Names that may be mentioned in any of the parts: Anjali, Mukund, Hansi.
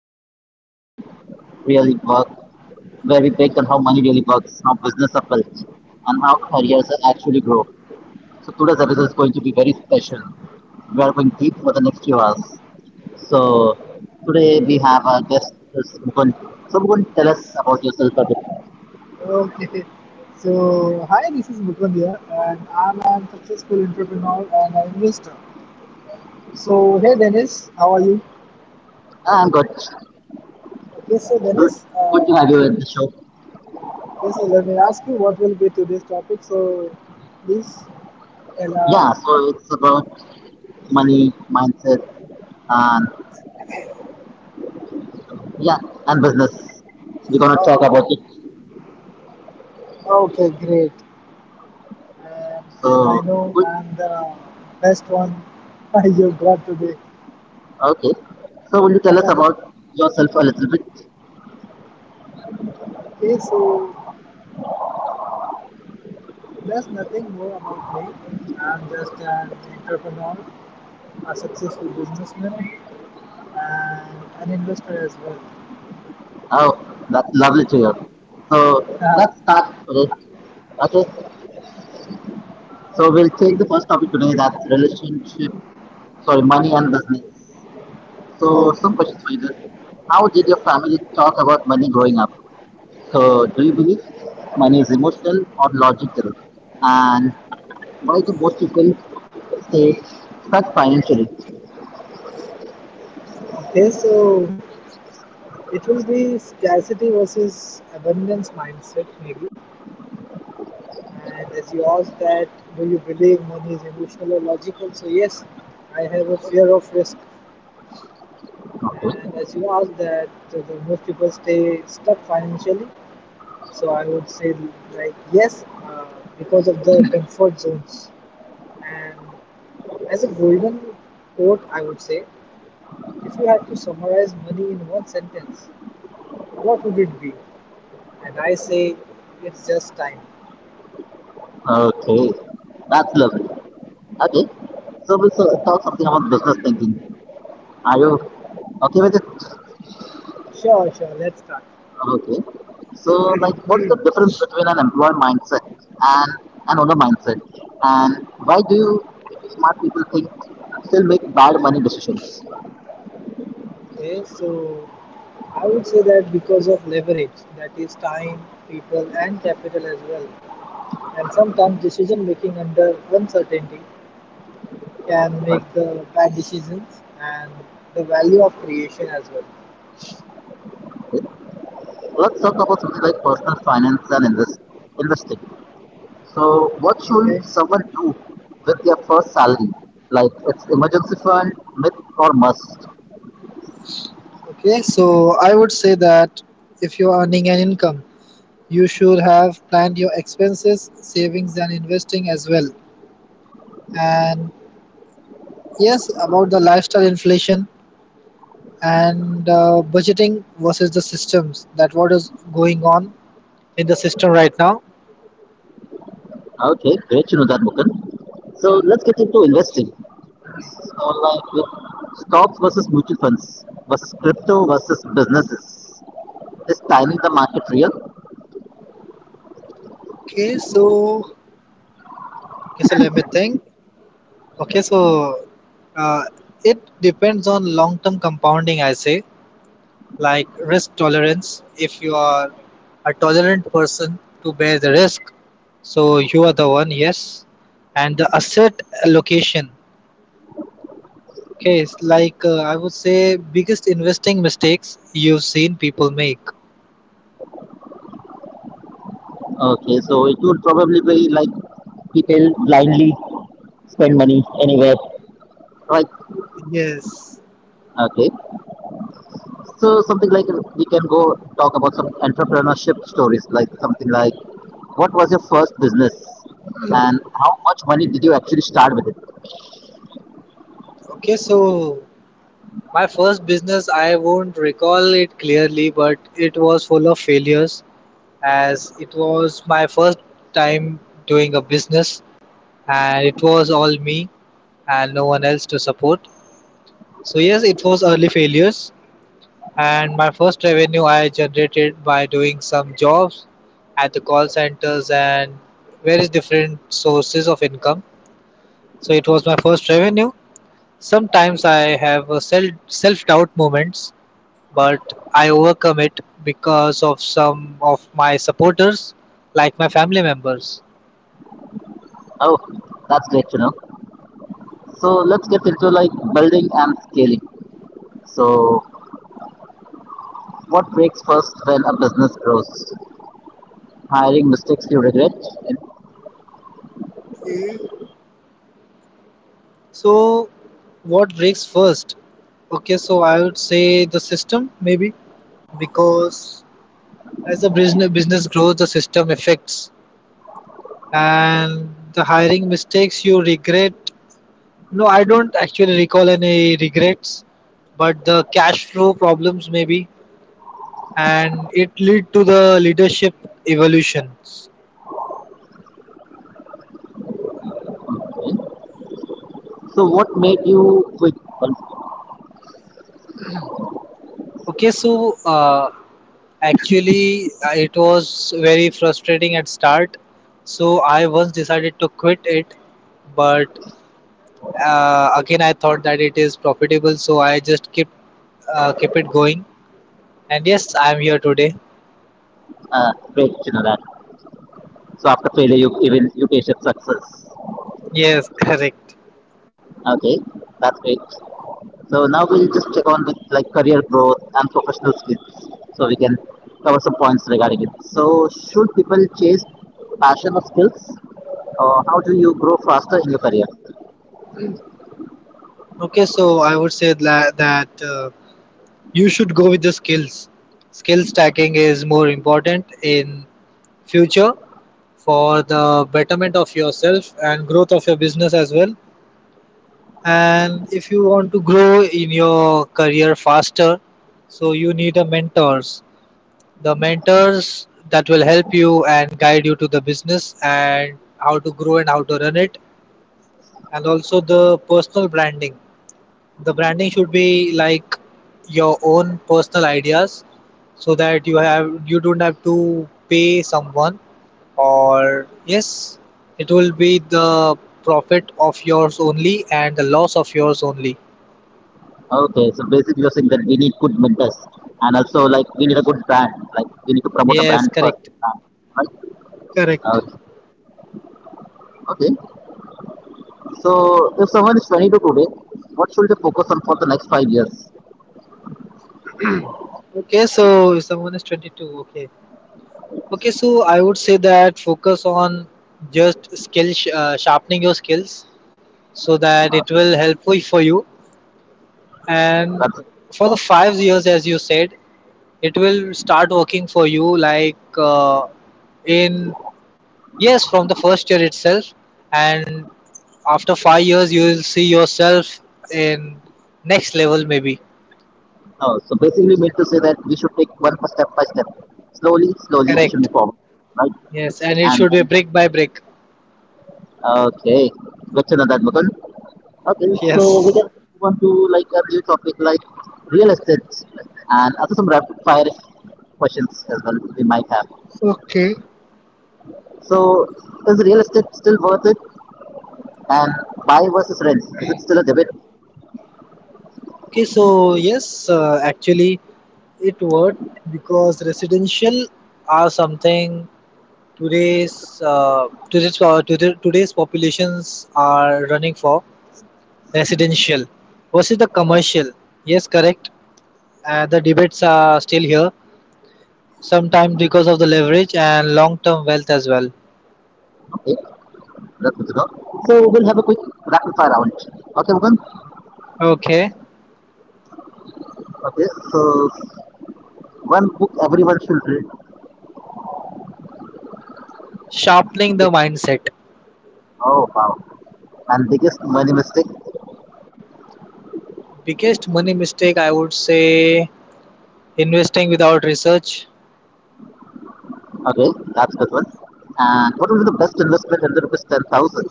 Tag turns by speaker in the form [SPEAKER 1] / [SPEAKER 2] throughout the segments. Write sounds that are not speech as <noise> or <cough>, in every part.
[SPEAKER 1] about money really work, where we break down how money really works, how business are built, and how careers actually grow. So today's episode is going to be very special. We are going deep for the next few hours. So today we have a guest, is Mukund. So Mukund, tell us about yourself a bit.
[SPEAKER 2] Okay. So, hi, this is Vikram here, and I'm a successful entrepreneur and an investor. So, hey, Dennis, how are you?
[SPEAKER 1] I'm good.
[SPEAKER 2] Okay, so
[SPEAKER 1] Good,
[SPEAKER 2] Dennis,
[SPEAKER 1] good to have you at the show.
[SPEAKER 2] okay, so let me ask you what will be today's topic. So, please tell
[SPEAKER 1] Yeah,
[SPEAKER 2] us.
[SPEAKER 1] so it's about money mindset and yeah, and business. We're gonna talk about it.
[SPEAKER 2] Oh, okay, great. And as
[SPEAKER 1] So,
[SPEAKER 2] I know,
[SPEAKER 1] good.
[SPEAKER 2] I'm the best one <laughs> you got today.
[SPEAKER 1] Okay. So, will you tell us about yourself a little bit?
[SPEAKER 2] Okay, so there's nothing more about me. I'm just an entrepreneur, a successful businessman, and an investor as well. <laughs>
[SPEAKER 1] Oh, that's lovely to hear. So, let's
[SPEAKER 2] Uh,
[SPEAKER 1] start
[SPEAKER 2] I-
[SPEAKER 1] today. Okay. So, we'll take the first topic today. That's relationship. Sorry, money and business. So,
[SPEAKER 2] okay.
[SPEAKER 1] some questions for you, guys. How did your family talk about money growing up? So, do you believe money is emotional or logical? And why do most people stay stuck financially?
[SPEAKER 2] Okay, so it will be scarcity versus abundance mindset, maybe. And as you asked that, do you believe money is emotional or logical? So, yes, I have a fear of risk. And
[SPEAKER 1] Okay.
[SPEAKER 2] as you asked that, the most people stay stuck financially. So I would say like yes, because of the comfort zones. And as a golden quote, I would say, if you had to summarize money in one sentence, what would it be? And I say, it's just time.
[SPEAKER 1] Okay, that's lovely. Okay, so we'll talk something about business thinking. Are you okay with it?
[SPEAKER 2] Sure, sure. Let's start.
[SPEAKER 1] Okay, so like, what's the difference between an employer mindset and an owner mindset, and why do you smart people think still make bad money decisions?
[SPEAKER 2] Okay, so I would say that because of leverage, that is time, people, and capital as well, and sometimes decision making under uncertainty, can make the bad decisions and the value of creation as well.
[SPEAKER 1] Okay. Let's talk about something like personal finance and investing. So, what should
[SPEAKER 2] okay
[SPEAKER 1] someone do with their first salary? Like, it's emergency fund, myth, or must?
[SPEAKER 2] okay so I would say that if you're earning an income, you should have planned your expenses, savings and investing as well. And yes, about the lifestyle inflation, and budgeting versus the systems, that what is going on in the system right now.
[SPEAKER 1] Okay, great to know that, Mukan. So let's get into investing. So, like with stocks versus mutual funds versus crypto versus businesses. Is timing the market real?
[SPEAKER 2] Okay so okay so let me think. okay so uh, it depends on long term compounding, I say, like risk tolerance. If you are a tolerant person to bear the risk, so you are the one. Yes. And the asset allocation. Okay, it's like I would say biggest investing mistakes you've seen people make.
[SPEAKER 1] Okay, so it would probably be like people blindly spend money anywhere, right?
[SPEAKER 2] Yes.
[SPEAKER 1] Okay, so something like we can go talk about some entrepreneurship stories, like something like what was your first business and how much money did you actually start with it?
[SPEAKER 2] Okay, so my first business, I won't recall it clearly, but it was full of failures, as it was my first time doing a business, and it was all me and no one else to support. So yes, it was early failures, and my first revenue I generated by doing some jobs at the call centers and various different sources of income. So it was my first revenue. Sometimes I have a self doubt moments, but I overcome it because of some of my supporters, like my family members.
[SPEAKER 1] Oh, that's great to know. So let's get into like building and scaling. So what breaks first when a business grows? Hiring mistakes you regret.
[SPEAKER 2] So, what breaks first? Okay, so I would say the system maybe, because as the business grows, the system affects, and the hiring mistakes you regret. No, I don't actually recall any regrets, but the cash flow problems maybe, and it lead to the leadership evolutions.
[SPEAKER 1] So what made you quit? Well,
[SPEAKER 2] Okay, so actually, it was very frustrating at start, so I once decided to quit it, but again I thought that it is profitable, so I just kept it going. And yes, I am here today.
[SPEAKER 1] great, you know that. So after failure, you even you tasted success.
[SPEAKER 2] Yes, <laughs> correct.
[SPEAKER 1] Okay, that's great. So now we'll just check on with like career growth and professional skills. So we can cover some points regarding it. So should people chase passion or skills, or how do you grow faster in your career?
[SPEAKER 2] Okay, so I would say that you should go with the skills. Skill stacking is more important in future, for the betterment of yourself and growth of your business as well. And if you want to grow in your career faster, so you need a mentors, the mentors that will help you and guide you to the business and how to grow and how to run it. And also the personal branding. The branding should be like your own personal ideas, so that you don't have to pay someone. Or yes, it will be the profit of yours only and the loss of yours only.
[SPEAKER 1] Okay, so basically you're saying that we need good vendors and also like we need a good brand, like we need to promote a
[SPEAKER 2] Yes,
[SPEAKER 1] brand first,
[SPEAKER 2] correct.
[SPEAKER 1] right?
[SPEAKER 2] Correct.
[SPEAKER 1] Okay. Okay. So if someone is 22 today, what should they focus on for the next 5 years?
[SPEAKER 2] Okay, so if someone is 22, okay. Okay, so I would say that focus on just sharpening your skills, so that it will for you. And
[SPEAKER 1] That's it.
[SPEAKER 2] for the 5 years, as you said, it will start working for you like in, yes, from the first year itself. And after 5 years, you will see yourself in next level, maybe.
[SPEAKER 1] Oh, so basically we need to say that we should take one step by step, slowly, slowly we should
[SPEAKER 2] Correct.
[SPEAKER 1] move forward, right?
[SPEAKER 2] Yes, and it
[SPEAKER 1] And
[SPEAKER 2] should be
[SPEAKER 1] then,
[SPEAKER 2] brick by brick.
[SPEAKER 1] okay, question on that, Mukund. Okay, so we
[SPEAKER 2] Yes.
[SPEAKER 1] can move on to like a new topic like real estate and also some rapid fire questions as well we might have.
[SPEAKER 2] Okay.
[SPEAKER 1] So is real estate still worth it? And buy versus rent, is it still a debate?
[SPEAKER 2] Okay, so yes, actually it worked, because residential are something today's populations are running for, residential versus the commercial. Yes, correct. The debates are still here. Sometimes because of the leverage and long-term wealth as well.
[SPEAKER 1] Okay, that's good to know. So we'll have a quick rapid fire round. Okay, Mugan?
[SPEAKER 2] Okay,
[SPEAKER 1] Okay, so one book everyone should read.
[SPEAKER 2] sharpening the mindset.
[SPEAKER 1] Oh, wow. And biggest money mistake.
[SPEAKER 2] Biggest money mistake, I would say, investing without research.
[SPEAKER 1] Okay, that's a good one. And what will be the best investment under ₹10,000?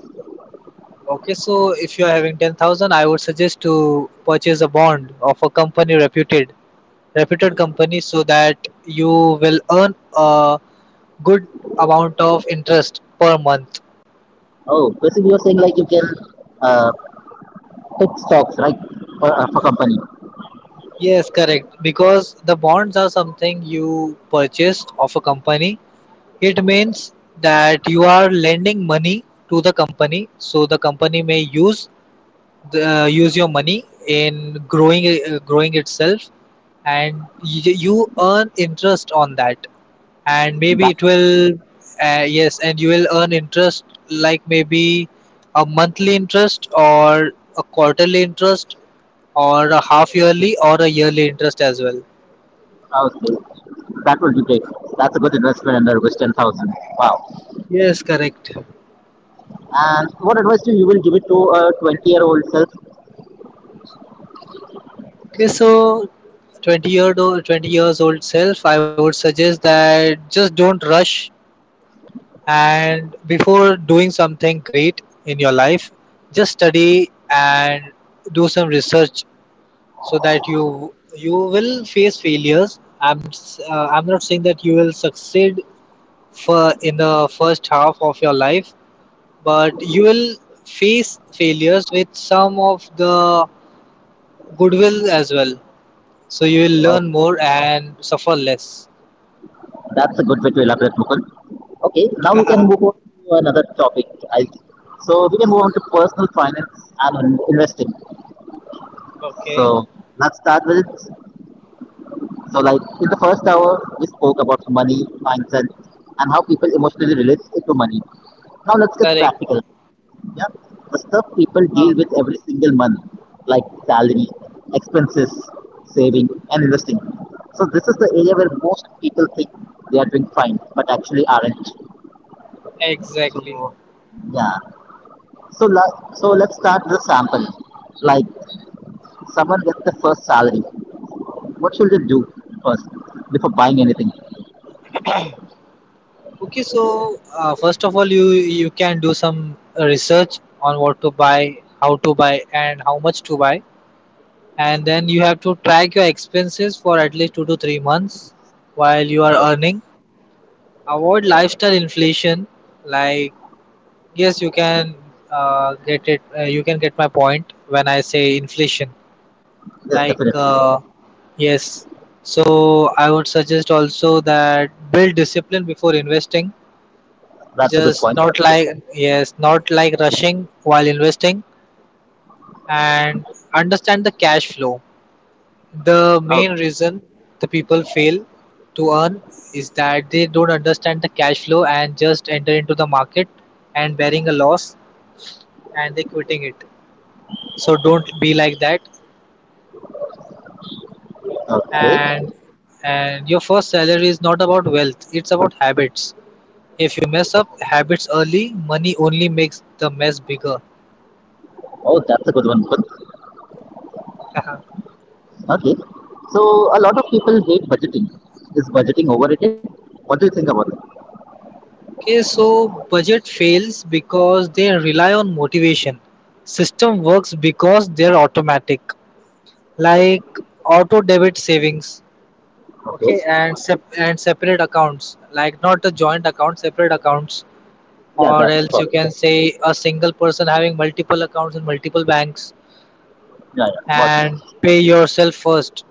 [SPEAKER 2] Okay, so if you are having 10,000, I would suggest to purchase a bond of a company reputed company, so that you will earn a good amount of interest per month.
[SPEAKER 1] Oh, basically you're saying like you can uh, pick stocks, right, for company.
[SPEAKER 2] Yes, correct. Because the bonds are something you purchase of a company. It means that you are lending money to the company, so the company may use use your money in growing itself. And you earn interest on that, and maybe
[SPEAKER 1] That
[SPEAKER 2] it will yes, and you will earn interest like maybe a monthly interest, or a quarterly interest, or a half yearly, or a yearly interest as well.
[SPEAKER 1] oh, okay, that will be great. That's a good investment under which 10,000. Wow.
[SPEAKER 2] Yes, correct.
[SPEAKER 1] And what advice do you will give it to a 20-year-old self?
[SPEAKER 2] Okay, so 20-year old, 20 years old self, I would suggest that just don't rush. And before doing something great in your life, just study and do some research, so that you will face failures. I'm not saying that you will succeed for in the first half of your life, but you will face failures with some of the goodwill as well. So you will
[SPEAKER 1] Wow,
[SPEAKER 2] learn more and suffer less.
[SPEAKER 1] that's a good way to elaborate, Mukul. Okay, now we can move on to another topic. So we can move on to personal finance and investing.
[SPEAKER 2] <laughs> Okay,
[SPEAKER 1] So let's start with it. So like in the first hour, we spoke about money mindset and how people emotionally relate it to money. Now let's get
[SPEAKER 2] correct.
[SPEAKER 1] practical. Yeah, the stuff people
[SPEAKER 2] Uh,
[SPEAKER 1] deal with every single month, like salary, expenses, saving, and investing. So this is the area where most people think they are doing fine, but actually aren't.
[SPEAKER 2] exactly.
[SPEAKER 1] So yeah. So let's start with a sample. Like someone gets the first salary. What should they do first before buying anything?
[SPEAKER 2] Okay, so first of all, you can do some research on what to buy, how to buy, and how much to buy, and then you have to track your expenses for at least 2 to 3 months while you are earning. Avoid lifestyle inflation. Like yes, you can get it. You can get my point when I say inflation.
[SPEAKER 1] Yes,
[SPEAKER 2] Like
[SPEAKER 1] definitely.
[SPEAKER 2] yes, so I would suggest also that build discipline before investing,
[SPEAKER 1] That's a good
[SPEAKER 2] just
[SPEAKER 1] point.
[SPEAKER 2] not like, yes, not like rushing while investing. And understand the cash flow. The
[SPEAKER 1] Okay.
[SPEAKER 2] main reason the people fail to earn is that they don't understand the cash flow, and just enter into the market and bearing a loss and they quitting it. So don't be like that.
[SPEAKER 1] Okay.
[SPEAKER 2] And and your first salary is not about wealth, it's about habits. If you mess up habits early, money only makes the mess bigger.
[SPEAKER 1] Oh, that's a good one. Good.
[SPEAKER 2] <laughs>
[SPEAKER 1] Okay. So a lot of people hate budgeting. Is budgeting overrated? What do you think about it?
[SPEAKER 2] Okay, so budget fails because they rely on motivation. System works because they're automatic, like auto debit savings. Okay,
[SPEAKER 1] Okay.
[SPEAKER 2] and separate accounts, like not a joint account, separate accounts,
[SPEAKER 1] Yeah,
[SPEAKER 2] or
[SPEAKER 1] that's
[SPEAKER 2] else you can say a single person having multiple accounts in multiple banks.
[SPEAKER 1] yeah, yeah. Got
[SPEAKER 2] And
[SPEAKER 1] it.
[SPEAKER 2] pay yourself first.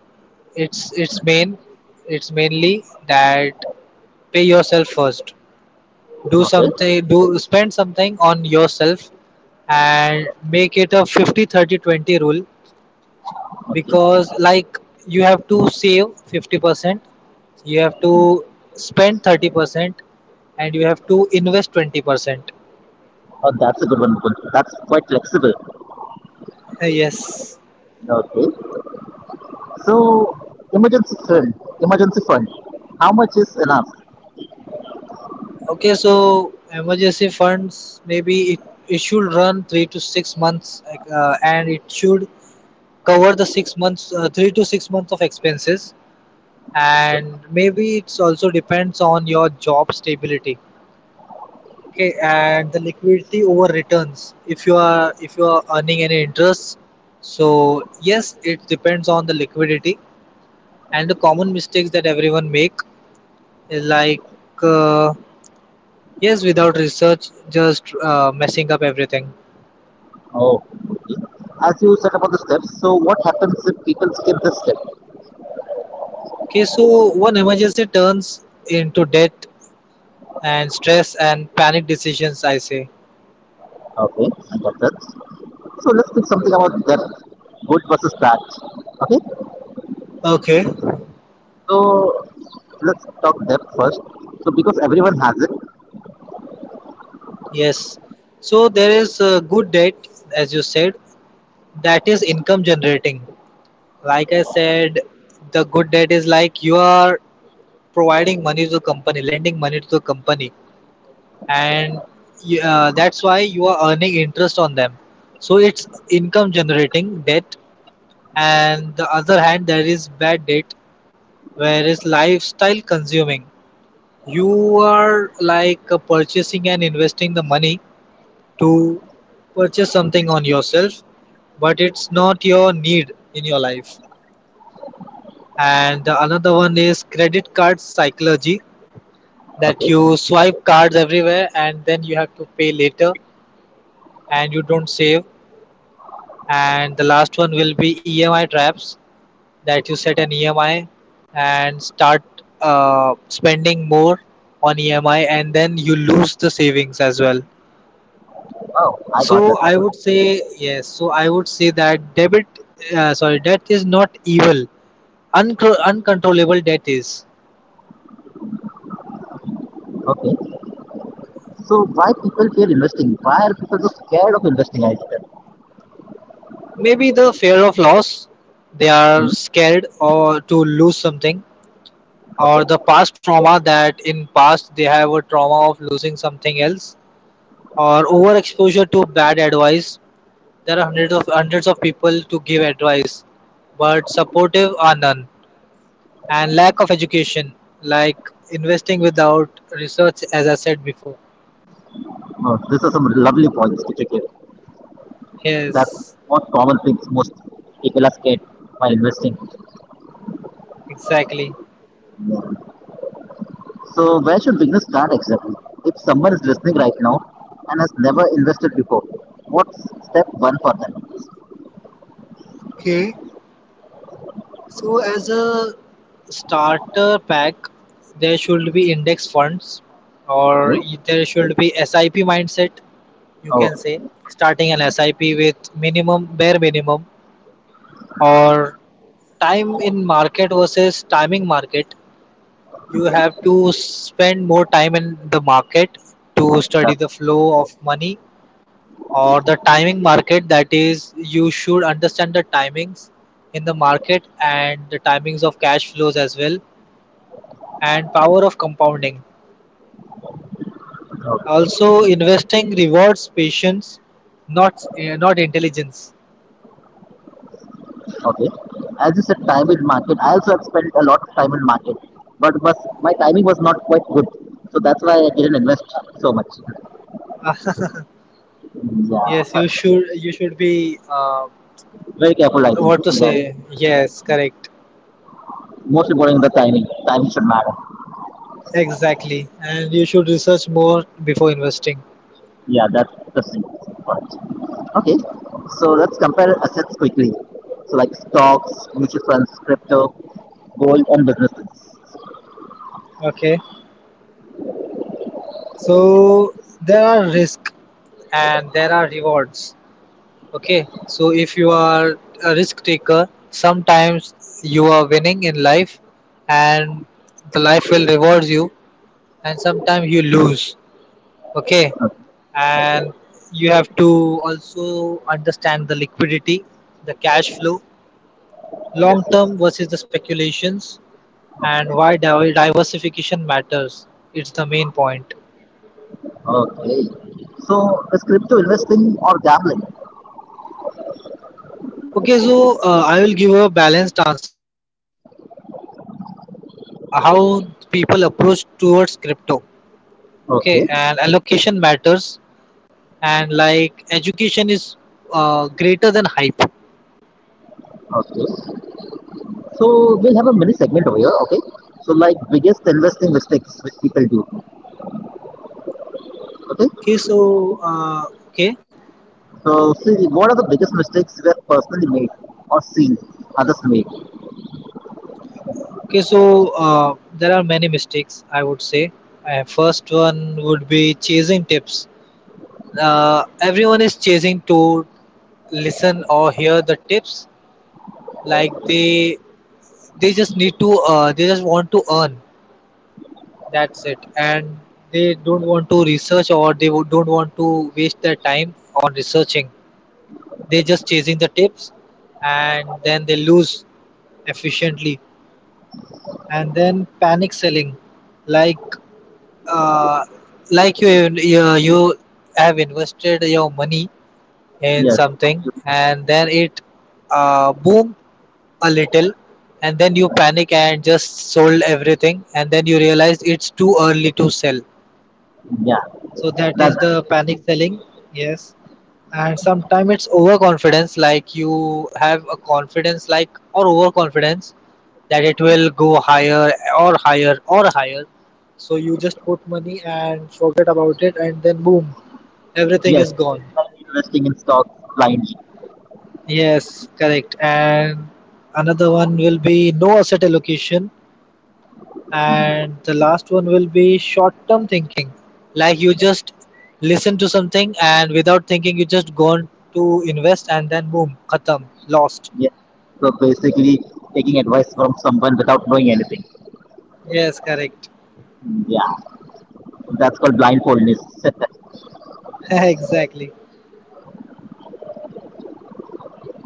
[SPEAKER 2] It's it's main, it's mainly that pay yourself first. do
[SPEAKER 1] Okay.
[SPEAKER 2] something do spend something on yourself, and make it a 50, 30, 20 rule,
[SPEAKER 1] Okay.
[SPEAKER 2] because like you have to save 50%, you have to spend 30%, and you have to invest 20%.
[SPEAKER 1] Oh, that's a good one, Mukund. That's quite flexible.
[SPEAKER 2] Yes.
[SPEAKER 1] Okay. So emergency fund. Emergency fund. How much is enough?
[SPEAKER 2] Okay, so emergency funds maybe it should run 3 to 6 months, and it should cover the 6 months, 3 to 6 months of expenses, and maybe it's also depends on your job stability. Okay, and the liquidity over returns, if you are earning any interest, so yes, it depends on the liquidity. And the common mistakes that everyone make is like, uh, yes, without research, just messing up everything.
[SPEAKER 1] Oh. Okay. As you said about the steps, so what happens if people skip this step?
[SPEAKER 2] Okay, so one emergency turns into debt and stress and panic decisions, I say.
[SPEAKER 1] Okay, I got that. So let's think something about debt, good versus bad. Okay.
[SPEAKER 2] Okay.
[SPEAKER 1] So let's talk depth first. So because everyone has it.
[SPEAKER 2] Yes. So there is a good debt, as you said, that is income generating. Like I said, the good debt is like you are providing money to the company, lending money to the company, and that's why you are earning interest on them. So it's income generating debt, and the other hand, there is bad debt, where is lifestyle consuming. You are like purchasing and investing the money to purchase something on yourself, but it's not your need in your life. And the another one is credit card psychology, that
[SPEAKER 1] Okay.
[SPEAKER 2] you swipe cards everywhere and then you have to pay later, and you don't save. And the last one will be emi traps, that you set an emi and start spending more on emi, and then you lose the savings as well.
[SPEAKER 1] Wow, I got
[SPEAKER 2] So
[SPEAKER 1] that.
[SPEAKER 2] I
[SPEAKER 1] Okay.
[SPEAKER 2] would say yes. So I would say that debit, sorry, debt is not evil. Uncontrollable debt is.
[SPEAKER 1] Okay. So why people fear investing? Why are people so scared of investing? I said.
[SPEAKER 2] Maybe the fear of loss. They are
[SPEAKER 1] Hmm.
[SPEAKER 2] scared or to lose something, or the
[SPEAKER 1] Okay.
[SPEAKER 2] past trauma that in past they have a trauma of losing something else, or overexposure to bad advice. There are hundreds of people to give advice, but supportive are none. And lack of education, like investing without research, as I said before.
[SPEAKER 1] Oh, this is some lovely points which you gave. That's
[SPEAKER 2] Yes,
[SPEAKER 1] most common things most people are scared while investing.
[SPEAKER 2] exactly.
[SPEAKER 1] Yeah. So where should beginners start exactly? If someone is listening right now and has never invested before, what's step one for them?
[SPEAKER 2] Okay. So as a starter pack, there should be index funds, or
[SPEAKER 1] Okay.
[SPEAKER 2] there should be SIP mindset, you
[SPEAKER 1] Oh,
[SPEAKER 2] can say. Starting an SIP with minimum, bare minimum, or time in market versus timing market. You have to spend more time in the market to study
[SPEAKER 1] that's
[SPEAKER 2] the flow of money, or the timing market, that is you should understand the timings in the market and the timings of cash flows as well, and power of compounding.
[SPEAKER 1] okay.
[SPEAKER 2] Also, investing rewards patience, not not intelligence. <laughs>
[SPEAKER 1] Okay. As you said, time in market. I also have spent a lot of time in market, but was my timing was not quite good, so that's why I didn't invest so much.
[SPEAKER 2] Ah,
[SPEAKER 1] Yeah,
[SPEAKER 2] yes, you should, you should be
[SPEAKER 1] very careful. I think
[SPEAKER 2] what to
[SPEAKER 1] regarding
[SPEAKER 2] say, yes, correct,
[SPEAKER 1] most important the timing. Timing should matter.
[SPEAKER 2] exactly. And you should research more before investing.
[SPEAKER 1] Yeah, that's the thing. Correct. Okay, so let's compare assets quickly. So like stocks, mutual funds, crypto, gold, and businesses.
[SPEAKER 2] Okay, so there are risk and there are rewards. Okay, so if you are a risk taker, sometimes you are winning in life, and the life will reward you, and sometimes you lose. Okay, and you have to also understand the liquidity, the cash flow,
[SPEAKER 1] Yes,
[SPEAKER 2] long
[SPEAKER 1] yes.
[SPEAKER 2] term versus the speculations, and why diversification matters. It's the main point.
[SPEAKER 1] Okay. So is crypto investing or gambling?
[SPEAKER 2] Okay, so I will give a balanced answer. Like, depends on approach, how people approach towards crypto. Okay,
[SPEAKER 1] Okay.
[SPEAKER 2] and allocation matters, and like education is greater than hype.
[SPEAKER 1] Okay. So we'll have a mini segment over here, okay? So like biggest investing mistakes which people do,
[SPEAKER 2] okay
[SPEAKER 1] okay?
[SPEAKER 2] so uh, okay
[SPEAKER 1] So see, what are the biggest mistakes we have personally made or seen others make?
[SPEAKER 2] Okay, so there are many mistakes, I would say. First one would be chasing tips. Everyone is chasing to listen or hear the tips. Like, they just need to they just want to earn, that's it. And they don't want to research, or they don't want to waste their time on researching. They're just chasing the tips, and then they lose efficiently. And then panic selling, like, uh, like you have invested your money in
[SPEAKER 1] Yes,
[SPEAKER 2] something, and then it boom a little, and then you panic and just sold everything, and then you realize it's too early to sell.
[SPEAKER 1] yeah,
[SPEAKER 2] So that
[SPEAKER 1] that
[SPEAKER 2] is the panic selling. Yes. And sometimes it's overconfidence, like you have a confidence, like, or overconfidence that it will go higher or higher or higher. So you just put money and forget about it, and then boom, everything
[SPEAKER 1] yes,
[SPEAKER 2] is gone.
[SPEAKER 1] like investing in stocks blindly.
[SPEAKER 2] Yes, correct. And another one will be no asset allocation. And the last one will be short term thinking. Like, you just listen to something and without thinking, you just go on to invest, and then boom, khatam, lost.
[SPEAKER 1] Yeah, so basically taking advice from someone without knowing anything.
[SPEAKER 2] Yes, correct.
[SPEAKER 1] Yeah, that's called blindfoldness. <laughs>
[SPEAKER 2] <laughs> Exactly.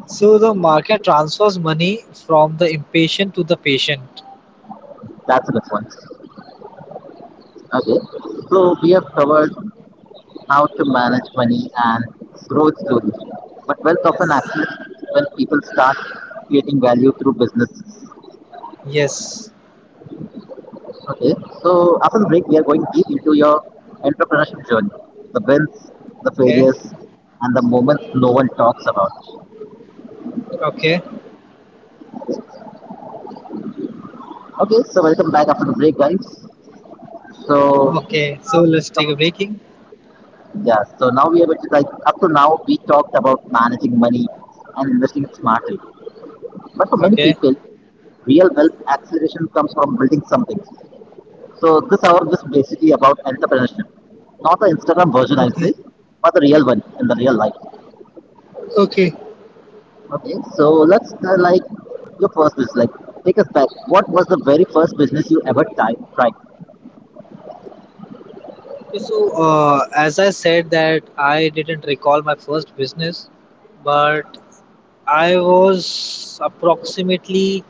[SPEAKER 2] So the market transfers money from the impatient to the patient.
[SPEAKER 1] That's the next one. Okay, so we have covered how to manage money and growth slowly. But wealth often
[SPEAKER 2] Yes.
[SPEAKER 1] accelerates when people start creating value through businesses.
[SPEAKER 2] Yes.
[SPEAKER 1] Okay, so after the break, we are going deep into your entrepreneurship journey, the wins, the
[SPEAKER 2] Okay.
[SPEAKER 1] failures, and the moments no one talks about.
[SPEAKER 2] Okay.
[SPEAKER 1] Okay, so welcome back after the break, guys. So,
[SPEAKER 2] Okay. So let's take a breaking.
[SPEAKER 1] yeah, so now we are going to like up to now, we talked about managing money and investing smartly. But for many
[SPEAKER 2] Okay.
[SPEAKER 1] people, real wealth acceleration comes from building something. So this hour is basically about entrepreneurship, not the Instagram version, I'd
[SPEAKER 2] Okay.
[SPEAKER 1] say, but the real one in the real life.
[SPEAKER 2] Okay.
[SPEAKER 1] Okay, so let's like your first business. Like, take us back. What was the very first business you ever tried?
[SPEAKER 2] Okay, so as I said, that I didn't recall my first business, but I was approximately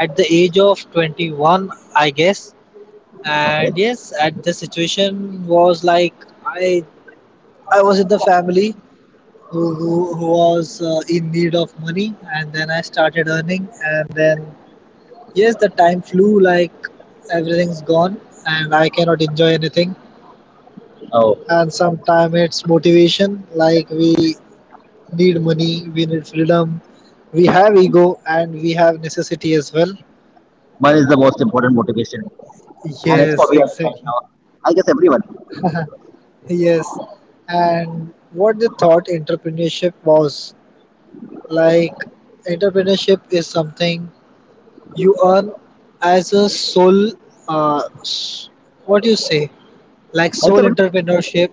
[SPEAKER 2] at the age of 21, I guess.
[SPEAKER 1] Okay.
[SPEAKER 2] And yes, at the situation was like, I I was in the family who, who was in need of money, and then I started earning, and then yes, the time flew, like everything's gone, and I cannot enjoy anything.
[SPEAKER 1] Oh,
[SPEAKER 2] And sometimes it's motivation, like we need money, we need freedom, we have ego, and we have necessity as well.
[SPEAKER 1] money is the most important motivation, and it's for
[SPEAKER 2] Yes,
[SPEAKER 1] me right
[SPEAKER 2] exactly.
[SPEAKER 1] now. I guess everyone.
[SPEAKER 2] Yes. And what they thought entrepreneurship was, like, entrepreneurship is something you earn as a sole uh s- what you say, like sole
[SPEAKER 1] Entrepreneurship
[SPEAKER 2] entrepreneurship,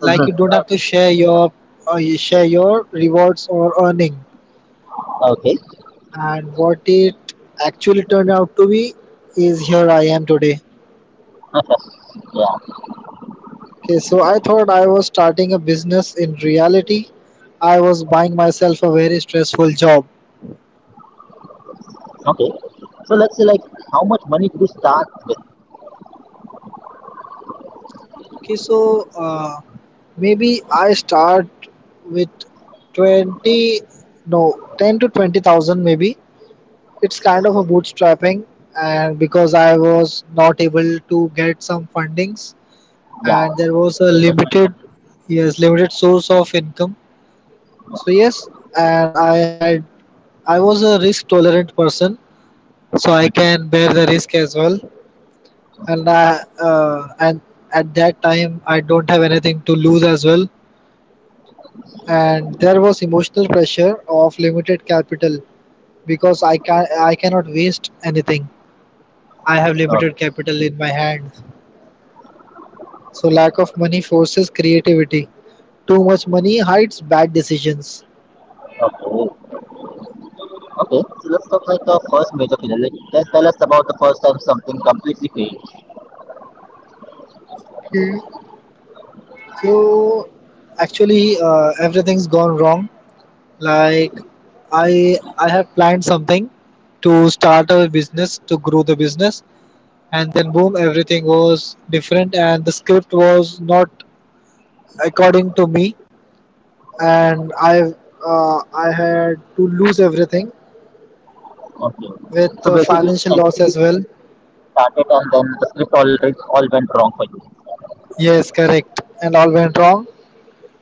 [SPEAKER 2] like you
[SPEAKER 1] business.
[SPEAKER 2] don't have to share your you share your rewards or earning.
[SPEAKER 1] Okay.
[SPEAKER 2] And what it actually turned out to be is here I am today.
[SPEAKER 1] Yeah.
[SPEAKER 2] Okay, so I thought I was starting a business. In reality, I was buying myself a very stressful job.
[SPEAKER 1] Okay. So let's say like how much money did you start with?
[SPEAKER 2] Okay, so maybe I start with 20, no, 10 to 20,000 maybe. It's kind of a bootstrapping, and because I was not able to get some fundings, and
[SPEAKER 1] Yeah.
[SPEAKER 2] there was a
[SPEAKER 1] Investment.
[SPEAKER 2] limited, yes, limited source of income. So, yes, and I had, I was a risk tolerant person, so I can bear the risk as well. And I and at that time I don't have anything to lose as well. And there was emotional pressure of limited capital, because I cannot waste anything. I have
[SPEAKER 1] Okay.
[SPEAKER 2] limited capital in my hands. So lack of money forces creativity. Too much money hides bad decisions.
[SPEAKER 1] Okay. Okay, so let's talk like the first major failure. Like, tell us about the first time something completely failed.
[SPEAKER 2] So actually, everything's gone wrong. Like, I have planned something to start a business, to grow the business, and then boom, everything was different, and the script was not according to me, and I had to lose everything
[SPEAKER 1] Okay. So
[SPEAKER 2] with
[SPEAKER 1] basically, you
[SPEAKER 2] financial loss as well.
[SPEAKER 1] started and then the script already all went wrong for you.
[SPEAKER 2] Yes, correct, and all went wrong.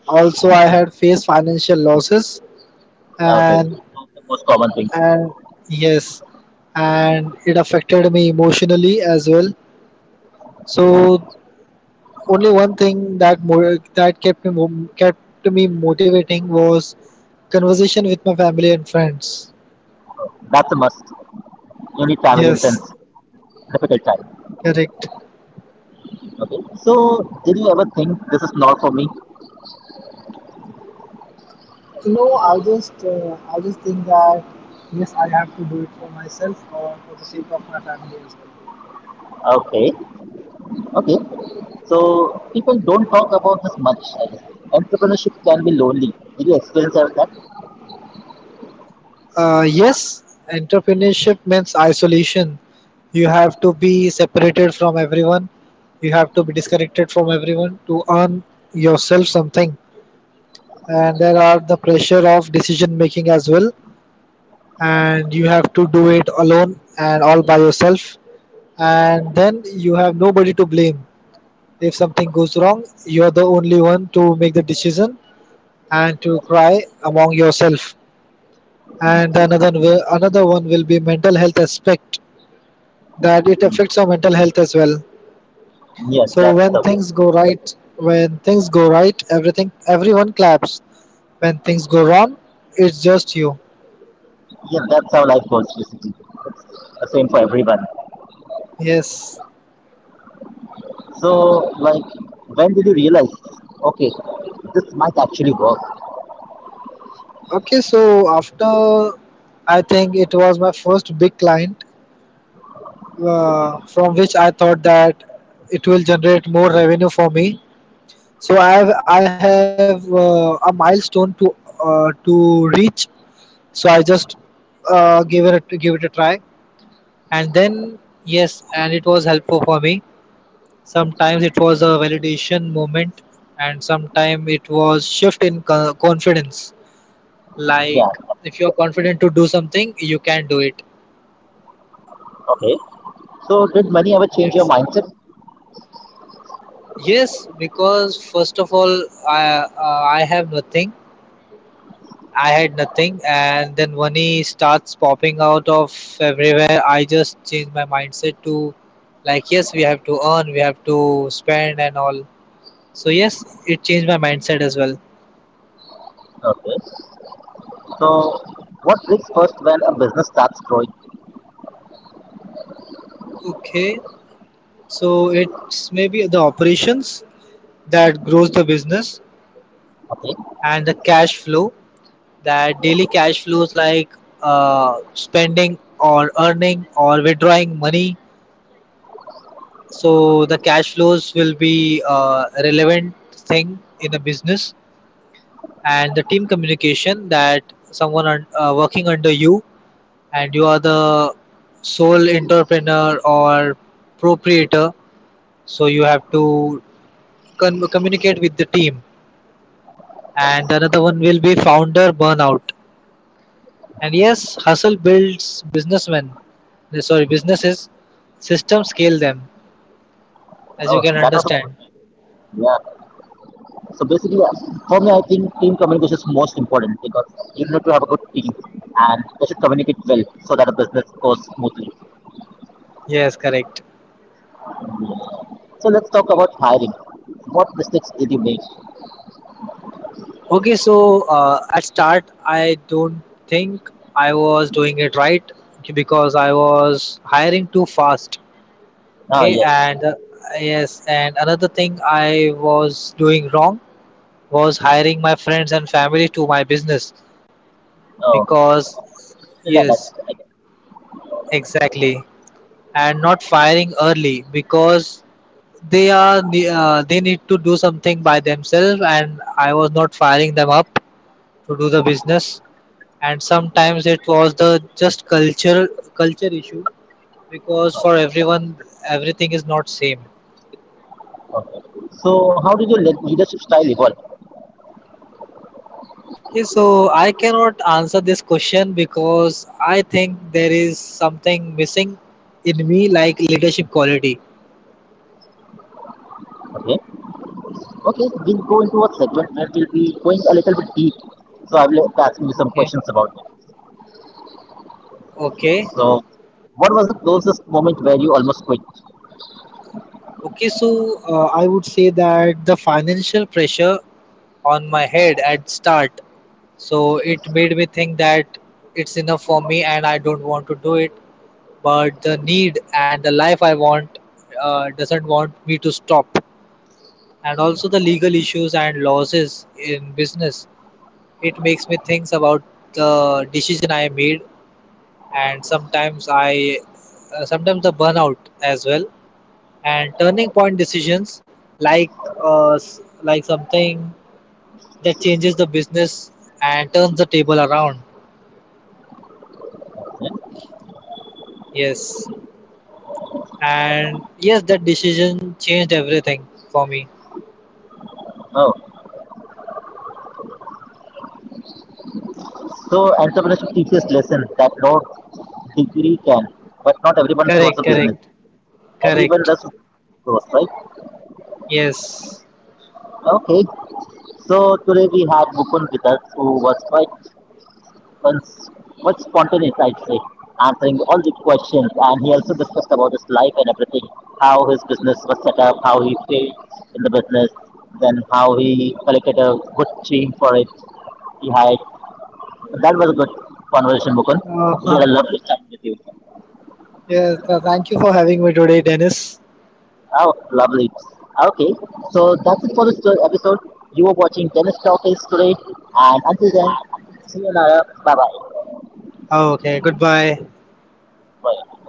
[SPEAKER 2] Also, I had faced financial losses,
[SPEAKER 1] Okay.
[SPEAKER 2] and
[SPEAKER 1] That's the most common thing.
[SPEAKER 2] and yes, and it affected me emotionally as well. So only one thing that that kept me kept me motivating was conversation with my family and friends.
[SPEAKER 1] That's a must. You need family and
[SPEAKER 2] Yes,
[SPEAKER 1] friends. Difficult time.
[SPEAKER 2] correct.
[SPEAKER 1] Okay. So did you ever think this is not for me?
[SPEAKER 2] No, I just think that yes, I have to do it for myself or for the sake of my family as well.
[SPEAKER 1] Okay. Okay. So people don't talk about this much. I guess. Entrepreneurship can be lonely. Did you experience that?
[SPEAKER 2] Yes, entrepreneurship means isolation. You have to be separated from everyone. You have to be disconnected from everyone to earn yourself something. And there are the pressure of decision making as well. And you have to do it alone and all by yourself, and then you have nobody to blame. If something goes wrong, you're the only one to make the decision and to cry among yourself. And another one will be mental health aspect, that it affects our mental health as well.
[SPEAKER 1] Yes,
[SPEAKER 2] So
[SPEAKER 1] that's
[SPEAKER 2] when
[SPEAKER 1] the
[SPEAKER 2] things go right, when things go right, everything, everyone claps. When things go wrong, it's just you.
[SPEAKER 1] yeah, that's how life goes basically. It's the same for everyone.
[SPEAKER 2] Yes.
[SPEAKER 1] So, like, when did you realize, okay, this might actually work?
[SPEAKER 2] Okay, so after, I think it was my first big client from which I thought that it will generate more revenue for me. So I have a milestone to reach. So I just give it a try, and then yes, and it was helpful for me. Sometimes it was a validation moment, and sometimes it was shift in confidence.
[SPEAKER 1] Yeah,
[SPEAKER 2] Like, if you are confident to do something, you can do it.
[SPEAKER 1] okay. So, did money ever change your mindset?
[SPEAKER 2] Yes, because first of all, I have nothing. I had nothing, and then money starts popping out of everywhere. I just changed my mindset to, like, yes, we have to earn, we have to spend, and all. So yes, it changed my mindset as well.
[SPEAKER 1] Okay. So, what breaks first when a business starts growing?
[SPEAKER 2] Okay, so it's maybe the operations that grows the business
[SPEAKER 1] Okay.
[SPEAKER 2] and the cash flow. That daily cash flows, like spending or earning or withdrawing money. So the cash flows will be a relevant thing in a business, and the team communication, that someone working under you, and you are the sole entrepreneur or proprietor. So you have to communicate with the team. And another one will be founder burnout. And yes, hustle builds businessmen. Sorry, businesses. System scale them, as you
[SPEAKER 1] Oh,
[SPEAKER 2] can
[SPEAKER 1] that was a
[SPEAKER 2] understand.
[SPEAKER 1] yeah. So basically, for me, I think team communication is most important because you need to have a good team and they should communicate well so that the business goes smoothly.
[SPEAKER 2] Yes, correct.
[SPEAKER 1] So let's talk about hiring. What mistakes did you make?
[SPEAKER 2] Okay, so at start, I don't think I was doing it right because I was hiring too fast.
[SPEAKER 1] Ah,
[SPEAKER 2] Okay,
[SPEAKER 1] yes.
[SPEAKER 2] and yes, and another thing I was doing wrong was hiring my friends and family to my business,
[SPEAKER 1] Oh,
[SPEAKER 2] because
[SPEAKER 1] emotionally attached.
[SPEAKER 2] yes,
[SPEAKER 1] I get it.
[SPEAKER 2] exactly, and not firing early because they are they need to do something by themselves, and I was not firing them up to do the business. And sometimes it was the just culture issue, because for everyone everything is not same.
[SPEAKER 1] Okay. So, how did your leadership style evolve?
[SPEAKER 2] Okay, so I cannot answer this question because I think there is something missing in me, like leadership quality.
[SPEAKER 1] Okay. Okay, we'll go into a segment where we'll be going a little bit deep. So, I will be asking you some
[SPEAKER 2] Okay,
[SPEAKER 1] questions about it.
[SPEAKER 2] okay,
[SPEAKER 1] So, what was the closest moment where you almost quit?
[SPEAKER 2] okay. So I would say that the financial pressure on my head at start, so it made me think that it's enough for me and I don't want to do it. But the need and the life I want doesn't want me to stop. And also the legal issues and losses in business. It makes me think about the decision I made. And sometimes I sometimes the burnout as well, and turning point decisions, like like something that changes the business and turns the table around.
[SPEAKER 1] Yeah.
[SPEAKER 2] Yes. And yes, that decision changed everything for me.
[SPEAKER 1] Oh, so entrepreneurship teaches lesson that no degree can, but not everyone wants
[SPEAKER 2] Correct,
[SPEAKER 1] a business.
[SPEAKER 2] correct.
[SPEAKER 1] Everyone
[SPEAKER 2] Correct.
[SPEAKER 1] does growth, right?
[SPEAKER 2] Yes.
[SPEAKER 1] Okay. So today we had Mukund with us, who was quite was was spontaneous, I'd say, answering all the questions. And he also discussed about his life and everything, how his business was set up, how he failed in the business, then how he collected a good team for it. He hired. That was a good conversation, Mukun.
[SPEAKER 2] Uh,
[SPEAKER 1] We had
[SPEAKER 2] <laughs>
[SPEAKER 1] a lovely time with you.
[SPEAKER 2] yes, thank you for having me today, Dennis.
[SPEAKER 1] Oh, lovely. Okay, so that's it for this episode. You were watching Tennis Talk is today, and until then, see you, Nara. Bye bye.
[SPEAKER 2] Oh, okay, goodbye.
[SPEAKER 1] Bye.